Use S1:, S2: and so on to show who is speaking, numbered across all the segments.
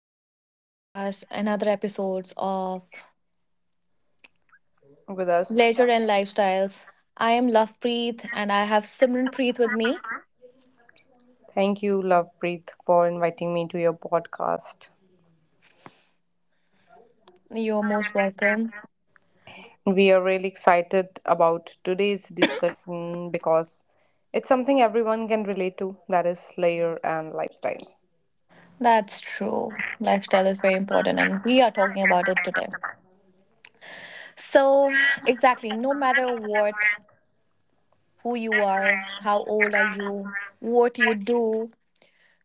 S1: welcome to podcast another episodes of
S2: With us.
S1: Leisure and Lifestyles. I am Lovepreet and I have Simran Preet with me.
S2: Thank you, Lovepreet, for inviting me to your podcast.
S1: You're most welcome.
S2: We are really excited about today's discussion because it's something everyone can relate to, that is, layer and lifestyle.
S1: That's true. Lifestyle is very important and we are talking about it today. So, exactly, no matter what, who you are, how old are you, what you do,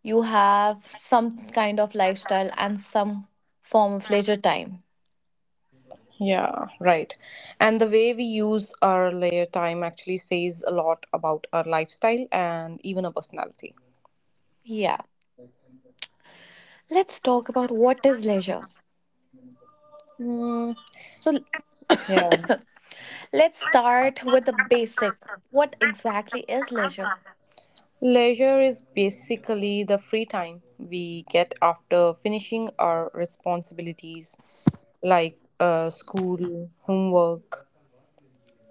S1: you have some kind of lifestyle and some form of leisure time.
S2: Yeah, right. And the way we use our layer time actually says a lot about our lifestyle and even our personality.
S1: Yeah. Let's talk about what is leisure.
S2: Mm,
S1: So
S2: yeah.
S1: let's start with the basic. What exactly is leisure?
S2: Leisure is basically the free time we get after finishing our responsibilities like school, homework,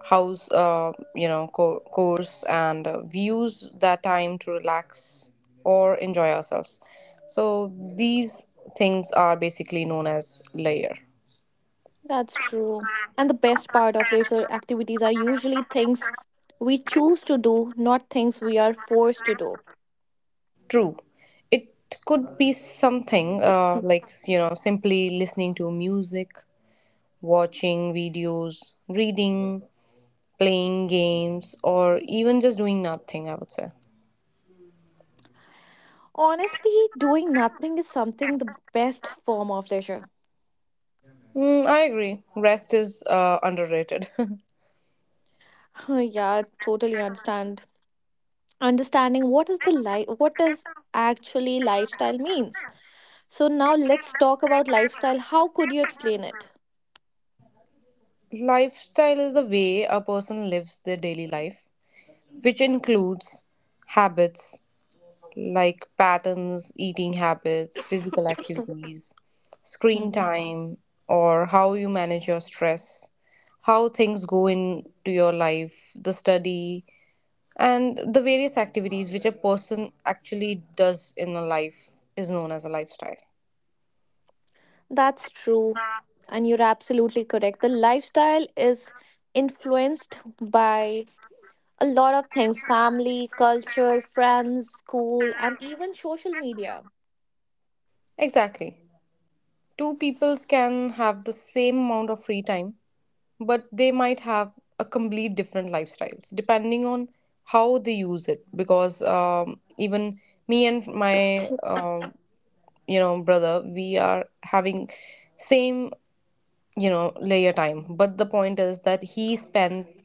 S2: house, course, and we use that time to relax or enjoy ourselves. So these things are basically known as leisure.
S1: That's true. And the best part of leisure activities are usually things we choose to do, not things we are forced to do.
S2: True. It could be something simply listening to music, watching videos, reading, playing games, or even just doing nothing, I would say.
S1: Honestly, doing nothing is something the best form of leisure.
S2: Mm, I agree. Rest is underrated.
S1: Yeah, totally understand. Understanding what is the life what does actually lifestyle means. So now let's talk about lifestyle. How could you explain it?
S2: Lifestyle is the way a person lives their daily life, which includes habits like patterns, eating habits, physical activities, screen
S1: Mhm.
S2: time, or how you manage your stress, how things go into your life, the study, and the various activities which a person actually does in a life is known as a lifestyle.
S1: That's true. And you're absolutely correct. The lifestyle is influenced by a lot of things family, culture, friends, school, and even social media.
S2: Exactly. Two peoples can have the same amount of free time, but they might have a complete different lifestyles depending on how they use it. Because even me and my brother, we are having same layer time, but the point is that he spent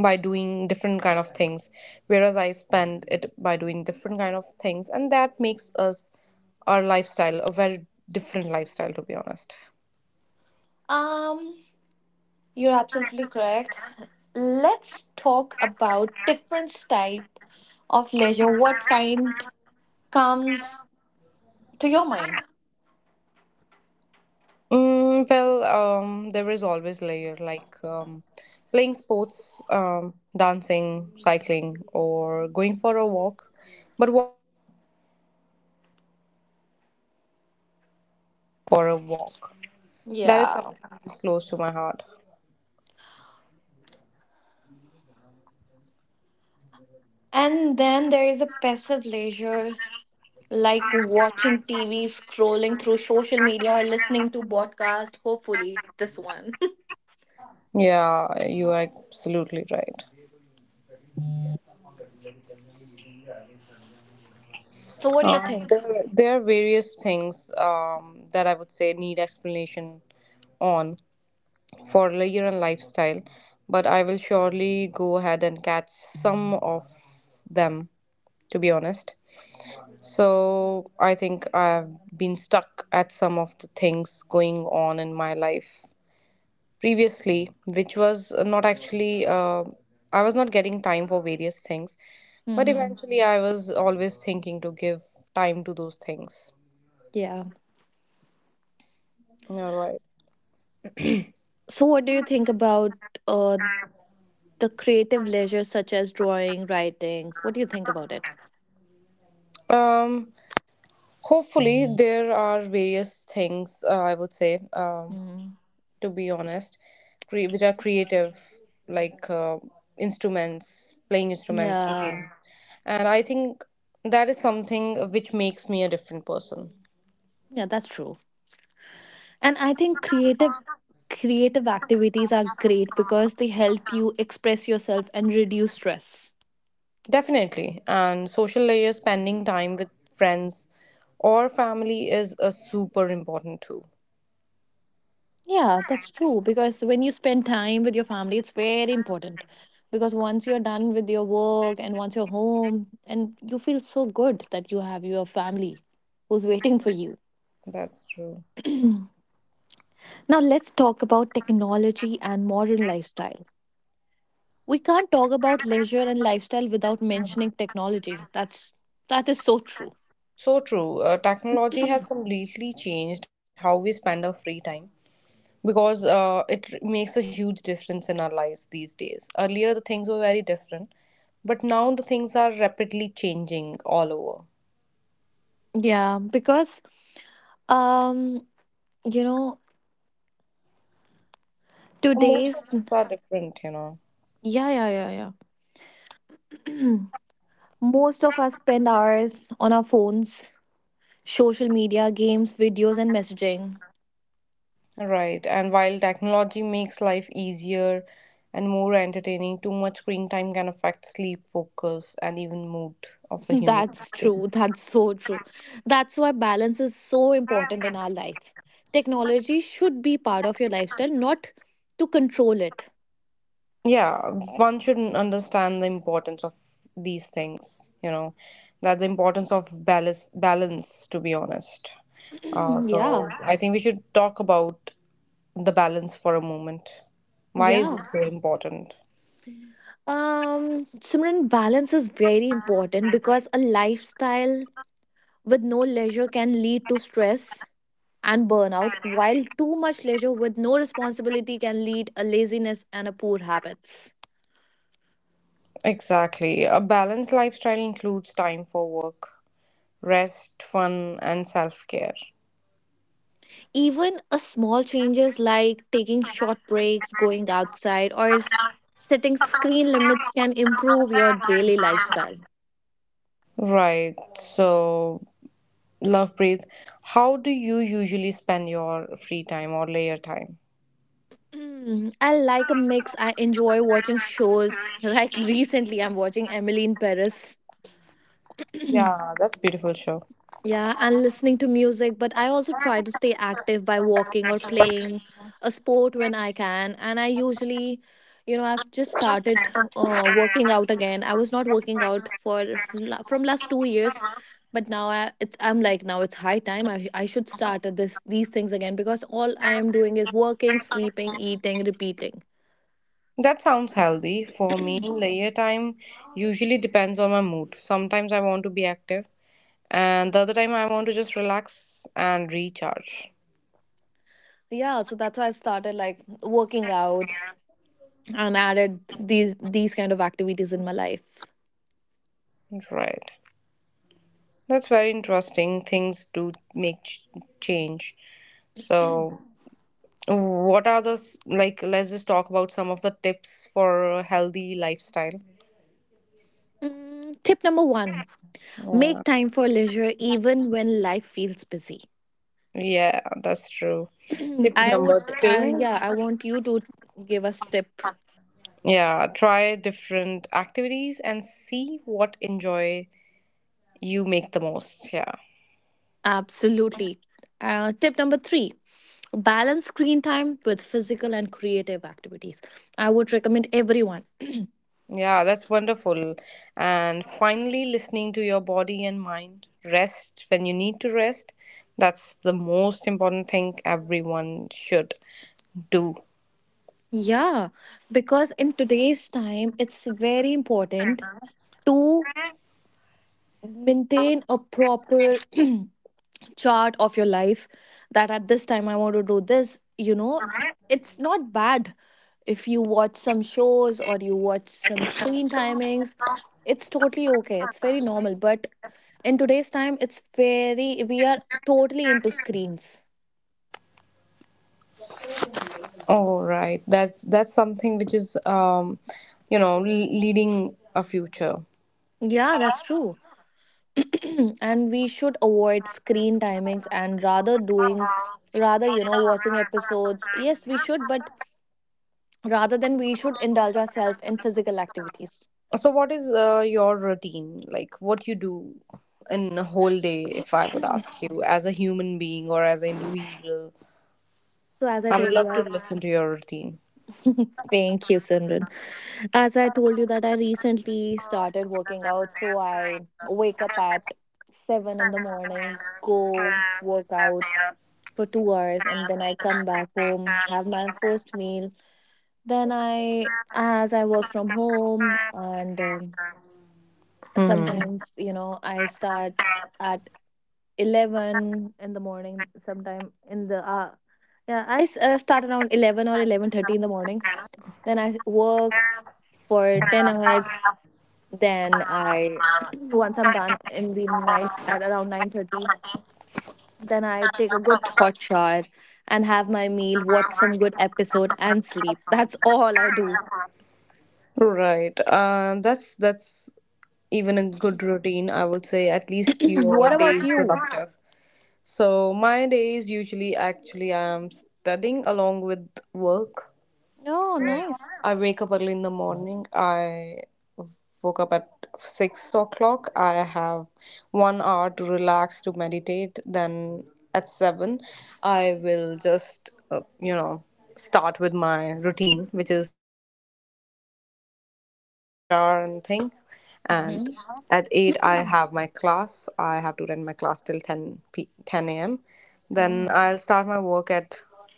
S2: by doing different kind of things, whereas I spend it by doing different kind of things, and that makes us our lifestyle a very different lifestyle, to be honest.
S1: Um, you're absolutely correct. Let's talk about different type of leisure. What kind comes to your mind?
S2: Mm, well, there is always layer like playing sports, dancing, cycling, or going for a walk. But
S3: For a walk. That is
S1: Yeah.
S3: something that's close to my heart.
S1: And then there is a passive leisure like watching TV, scrolling through social media, or listening to podcast. Hopefully, this one.
S3: Yeah, you are absolutely right.
S1: So, what do you think?
S3: There are various things that I would say need explanation on for layer and lifestyle, but I will surely go ahead and catch some of them, to be honest. So I think I've been stuck at some of the things going on in my life previously, which was not actually, I was not getting time for various things. But
S1: Hmm.
S3: eventually, I was always thinking to give time to those things.
S1: Yeah.
S3: All right.
S1: So, what do you think about uh, the creative leisure, such as drawing, writing? What do you think about it?
S3: Um, Hopefully, there are various things, I would say,
S1: Mm.
S3: to be honest, which are creative, like instruments, playing instruments,
S1: Yeah,
S3: cooking. And I think that is something which makes me a different person.
S1: yeah, that's true. And I think creative activities are great because they help you express yourself and reduce stress.
S3: Definitely. And social layer, spending time with friends or family is a super important too.
S1: Yeah, that's true. Because when you spend time with your family, it's very important. Because once you're done with your work and once you're home, and you feel so good that you have your family who's waiting for you.
S3: That's true.
S1: Now, let's talk about technology and modern lifestyle. We can't talk about leisure and lifestyle without mentioning technology. That is so true.
S3: So true. Technology has completely changed how we spend our free time because it makes a huge difference in our lives these days. Earlier, the things were very different, but now the things are rapidly changing all over.
S1: Yeah, because um, you know,
S3: And most of
S1: today's
S3: the things are different.
S1: yeah, yeah, yeah, yeah. Most of us spend hours on our phones, social media, games, videos, and messaging.
S3: Right. And while technology makes life easier and more entertaining, too much screen time can affect sleep, focus, and even mood of a human
S1: That's
S3: being.
S1: true. That's so true. That's why balance is so important in our life. Technology should be part of your lifestyle, not to control it.
S3: Yeah, one should understand the importance of these things, that the importance of balance, to be honest. Uh, so
S1: Yeah.
S3: I think we should talk about the balance for a moment. Why is it
S1: Yeah.
S3: so important?
S1: Simran, balance is very important because a lifestyle with no leisure can lead to stress and burnout, while too much leisure with no responsibility can lead a laziness and a poor habits.
S3: Exactly. A balanced lifestyle includes time for work, rest, fun, and self care.
S1: Even a small changes like taking short breaks, going outside, or setting screen limits can improve your daily lifestyle.
S3: Right. So, love breathe. How do you usually spend your free time or layer time?
S1: Mm, I like a mix. I enjoy watching shows. Like recently, I'm watching Emily in Paris.
S3: Yeah, that's beautiful show.
S1: Yeah, and listening to music, but I also try to stay active by walking or playing a sport when I can. And I usually, you know, I've just started working out again. I was not working out for from last 2 years, but now I it's I'm like now it's high time I should start at this these things again because all I am doing is working, sleeping, eating, repeating.
S3: That sounds healthy. For me, layer time usually depends on my mood. Sometimes I want to be active, and the other time I want to just relax and recharge.
S1: Yeah, so that's why I've started like working out and added these kind of activities in my life.
S3: Right. That's very interesting. Things do make change. So, what are the s- like? Let's just talk about some of the tips for a healthy lifestyle.
S1: Mm, tip number one,
S3: Yeah,
S1: make time for leisure even when life feels busy.
S3: yeah, that's true. Tip
S1: I would,
S3: number two.
S1: yeah, I want you to give us tip.
S3: Yeah, try different activities and see what enjoy you make the most. Yeah.
S1: Absolutely. Tip number three, balance screen time with physical and creative activities. I would recommend everyone.
S3: Yeah, that's wonderful. And finally, listening to your body and mind. Rest when you need to rest. That's the most important thing everyone should do.
S1: Yeah, because in today's time, it's very important to maintain a proper chart of your life. That at this time, I want to do this. You know, it's not bad if you watch some shows or you watch some screen timings. It's totally okay, it's very normal, but in today's time it's very we are totally into screens.
S3: All right, that's something which is leading a future.
S1: Yeah, that's true. And we should avoid screen timings and rather doing rather you know watching episodes yes we should but rather than we should indulge ourselves in physical activities.
S3: So, what is your routine? Like, what you do in a whole day,
S1: So
S3: if I would ask you, as a human being or as an individual?
S1: as I
S3: I would
S1: told
S3: love
S1: you I
S3: to
S1: have
S3: listen to your routine.
S1: thank you Simran. As I told you that I recently started working out, so I wake up at 7 in the morning, go work out for 2 hours and then I come back home, have my first meal. Then I as I work from home and
S3: Hmm.
S1: sometimes, you know, I start at 11 in the morning, sometime in the yeah, start around 11 or 11:30 in the morning. Then I work for 10 hours. Then I once I'm done in the night at around 9:30, then I take a good hot shower and have my meal, watch some good episode and sleep. That's all I do.
S3: Right. That's even a good routine, I would say. At least
S1: What
S3: your day
S1: about
S3: is
S1: you?
S3: productive. So my days usually actually I'm studying along with work.
S1: Oh,
S3: So
S1: nice.
S3: I wake up early in the morning. I woke up at 6 o'clock. I have 1 hour to relax to meditate. Then at seven, I will just start with my routine, which is eventually getting freshened up, have shower and thing. And
S1: Hmm.
S3: at 8, I have my class. I have to attend my class till 10 a.m. Then
S1: Oh.
S3: I'll start my work at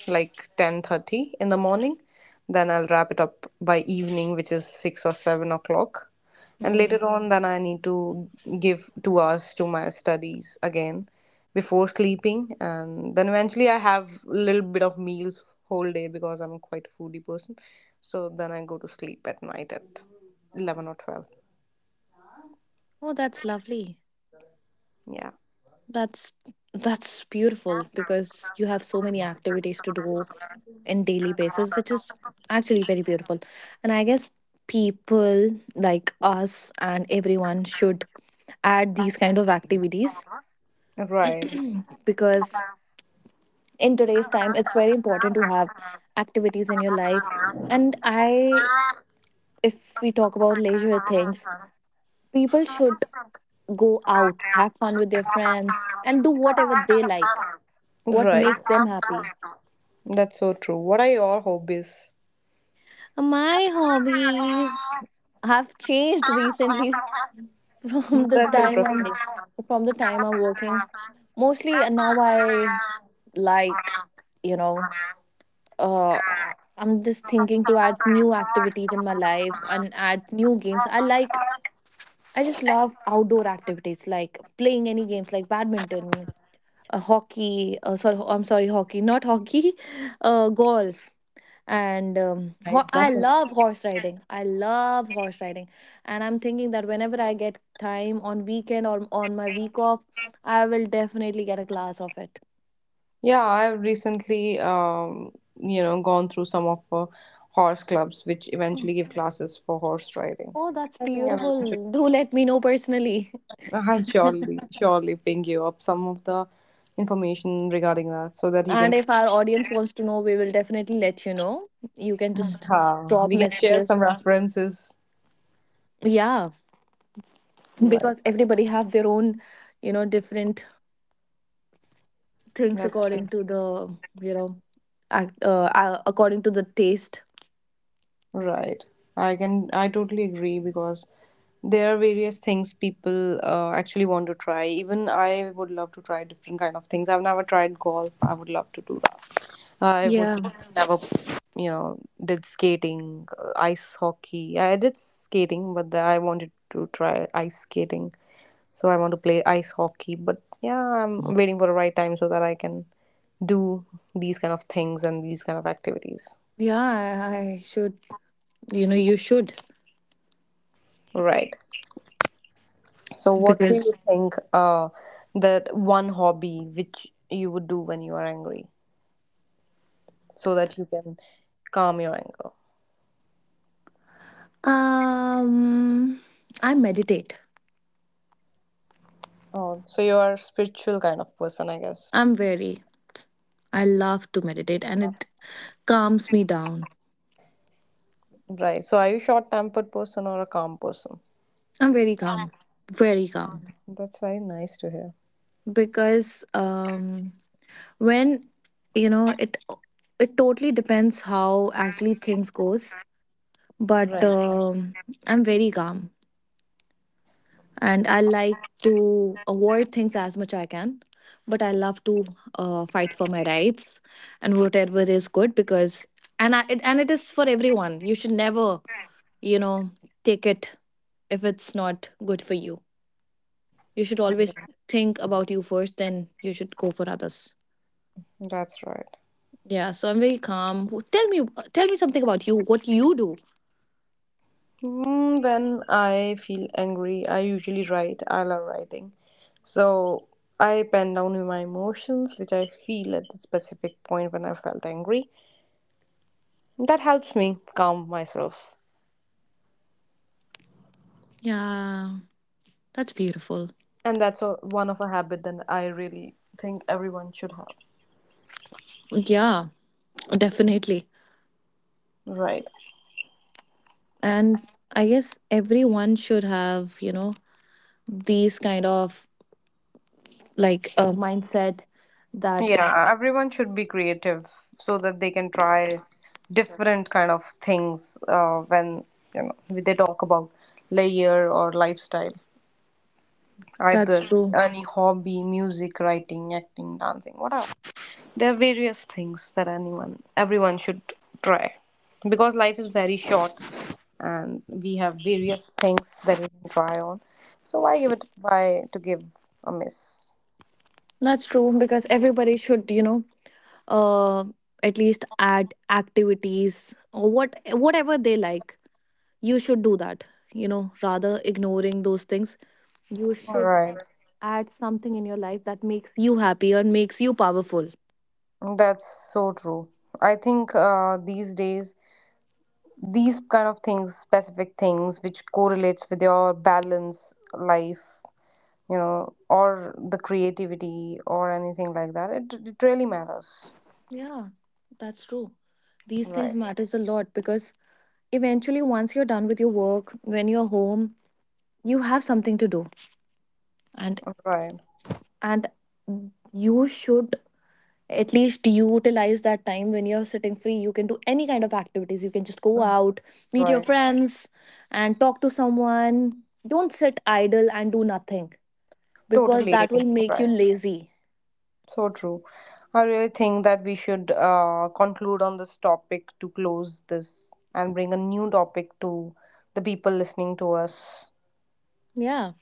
S3: like 10:30 in the morning. Then I'll wrap it up by evening, which is 6 or 7 o'clock. And
S1: Mm.
S3: later on, then I need to give 2 hours to my studies again before sleeping. And then eventually, I have a little bit of meals whole day because I'm quite a foodie person. So then I go to sleep at night at 11 or 12.
S1: Oh, that's lovely.
S3: Yeah.
S1: That's that's beautiful because you have so many activities to do in daily basis, which is actually very beautiful. And I guess people like us and everyone should add these kind of activities.
S3: Right.
S1: Because in today's time it's very important to have activities in your life, and I, if we talk about leisure things, people should go out have fun with their friends and do whatever they like, what
S3: Right.
S1: makes them happy.
S3: That's so true. What are your hobbies?
S1: My hobbies have changed recently. from the
S3: That's
S1: time i'm
S3: interesting.
S1: from the time I'm working mostly, now I like, you know, I'm just thinking to add new activities in my life and add new games. I like, I just love outdoor activities like playing any games like badminton, hockey. Sorry, I'm sorry, hockey, not hockey, golf. And
S3: Nice.
S1: I
S3: That's
S1: love horse riding. I love horse riding, and I'm thinking that whenever I get time on weekend or on my week off, I will definitely get a class of it.
S3: Yeah, I've recently, gone through some of horse clubs, which eventually give classes for horse riding.
S1: Oh, that's
S3: I think I've eventually,
S1: beautiful. Do let me know personally.
S3: I'll surely ping you up some of the information regarding that so that you can
S1: And
S3: try.
S1: if our audience wants to know, we will definitely let you know. You can just drop
S3: We can share some
S1: messages.
S3: references.
S1: Yeah,
S3: Right.
S1: because everybody have their own, you know, different things
S3: That's
S1: according to the, you know, according to the taste.
S3: Right. I totally agree because there are various things people actually want to try. Even I would love to try different kind of things. I've never tried golf. I would love to do that. I would
S1: Yeah,
S3: never, you know, did skating, ice hockey. I did skating, but I wanted to try ice skating. So I want to play ice hockey. But yeah, I'm waiting for the right time so that I can do these kind of things and these kind of activities.
S1: yeah, I should, you know, you should
S3: Right. So, what do you
S1: because
S3: think that one hobby which you would do when you are angry so that you can calm your anger?
S1: um, I meditate.
S3: Oh, so you are a spiritual kind of person, I guess.
S1: I'm very, I love to meditate, and it calms me down.
S3: Right. So, are you short-tempered person or a calm person?
S1: I'm very calm
S3: That's very nice to hear.
S1: because when you know it it totally depends how actually things goes but
S3: Right.
S1: I'm very calm and I like to avoid things as much I can but I love to fight for my rights and whatever is good because and it is for everyone you should never you know take it if it's not good for you you should always think about you first then you should go for others.
S3: That's right.
S1: Yeah, so I'm very calm. Tell me something about you. What you do?
S3: When I feel angry, I usually write. I love writing. So I pen down my emotions, which I feel at the specific point when I felt angry. That helps me calm myself.
S1: Yeah, that's beautiful.
S3: And that's one of a habit that I really think everyone should have.
S1: Yeah, definitely.
S3: Right.
S1: And I guess everyone should have, you know, these kind of like a mindset that
S3: Yeah, everyone should be creative so that they can try different kind of things when they talk about layer or lifestyle.
S1: that's
S3: Either
S1: true.
S3: any hobby, music, writing, acting, dancing, whatever. There are various things that anyone, everyone should try, because life is very short, and we have various things that we can try on. So why to give a miss?
S1: That's true because everybody should, you know, uh, at least add activities or what whatever they like. You should do that, you know, rather ignoring those things. You
S3: All
S1: should
S3: right,
S1: add something in your life that makes you happy or makes you powerful.
S3: that's so true. I think these days, these kind of things, specific things, which correlates with your balance life or the creativity or anything like that. It really matters.
S1: Yeah, that's true. These things
S3: Right,
S1: matters a lot because eventually once you're done with your work, when you're home, you have something to do. And
S3: right,
S1: and you should at least utilize that time when you're sitting free. You can do any kind of activities. You can just go out, meet your
S3: right.
S1: friends and talk to someone. Don't sit idle and do nothing because
S3: Totally.
S1: that will make you
S3: Right.
S1: lazy.
S3: So true. I really think that we should conclude on this topic to close this and bring a new topic to the people listening to us.
S1: Yeah.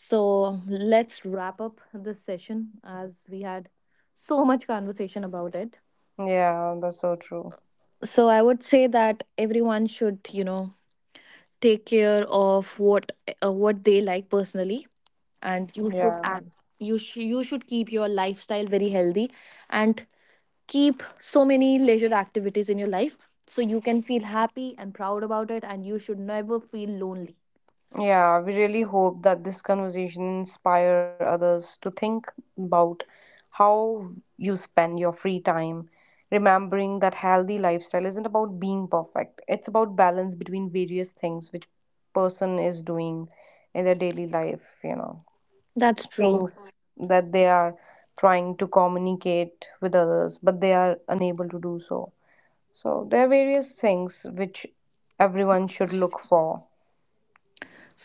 S1: So let's wrap up this session as we had so much conversation about it.
S3: Yeah, that's so true.
S1: So I would say that everyone should, you know, take care of what they like personally, and you should
S3: Yeah.
S1: act. You should keep your lifestyle very healthy, and keep so many leisure activities in your life so you can feel happy and proud about it, and you should never feel lonely.
S3: Yeah, we really hope that this conversation inspire others to think about how you spend your free time, remembering that healthy lifestyle isn't about being perfect. It's about balance between various things which person is doing in their daily life,
S1: That's true.
S3: things that they are trying to communicate with others, but they are unable to do so. So there are various things which everyone should look for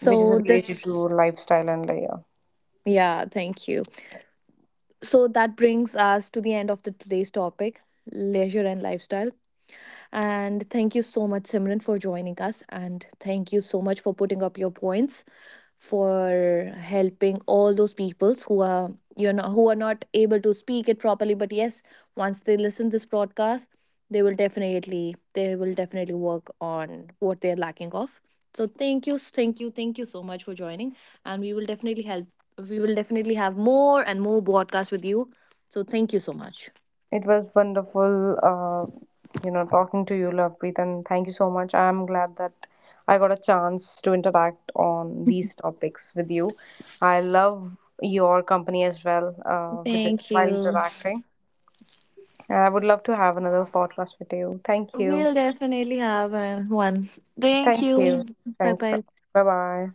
S3: which is related
S1: this,
S3: to lifestyle and layer.
S1: yeah, thank you. So that brings us to the end of the today's topic, leisure and lifestyle. And thank you so much, Simran, for joining us. And thank you so much for putting up your points for helping all those peoples who are you know who are not able to speak it properly but yes once they listen this broadcast they will definitely work on what they're lacking of so thank you thank you thank you so much for joining and we will definitely have more and more broadcasts with you so thank you so much.
S3: It was wonderful, talking to you, Lovepreet, and thank you so much. I'm glad that I got a chance to interact on these topics with you. I love your company as well, with it
S1: Thank
S3: while
S1: you,
S3: interacting. And I would love to have another podcast with you. Thank you.
S1: we'll definitely have one. Thank
S3: Thank you.
S1: you. Bye
S3: Thanks.
S1: bye.
S3: Bye bye.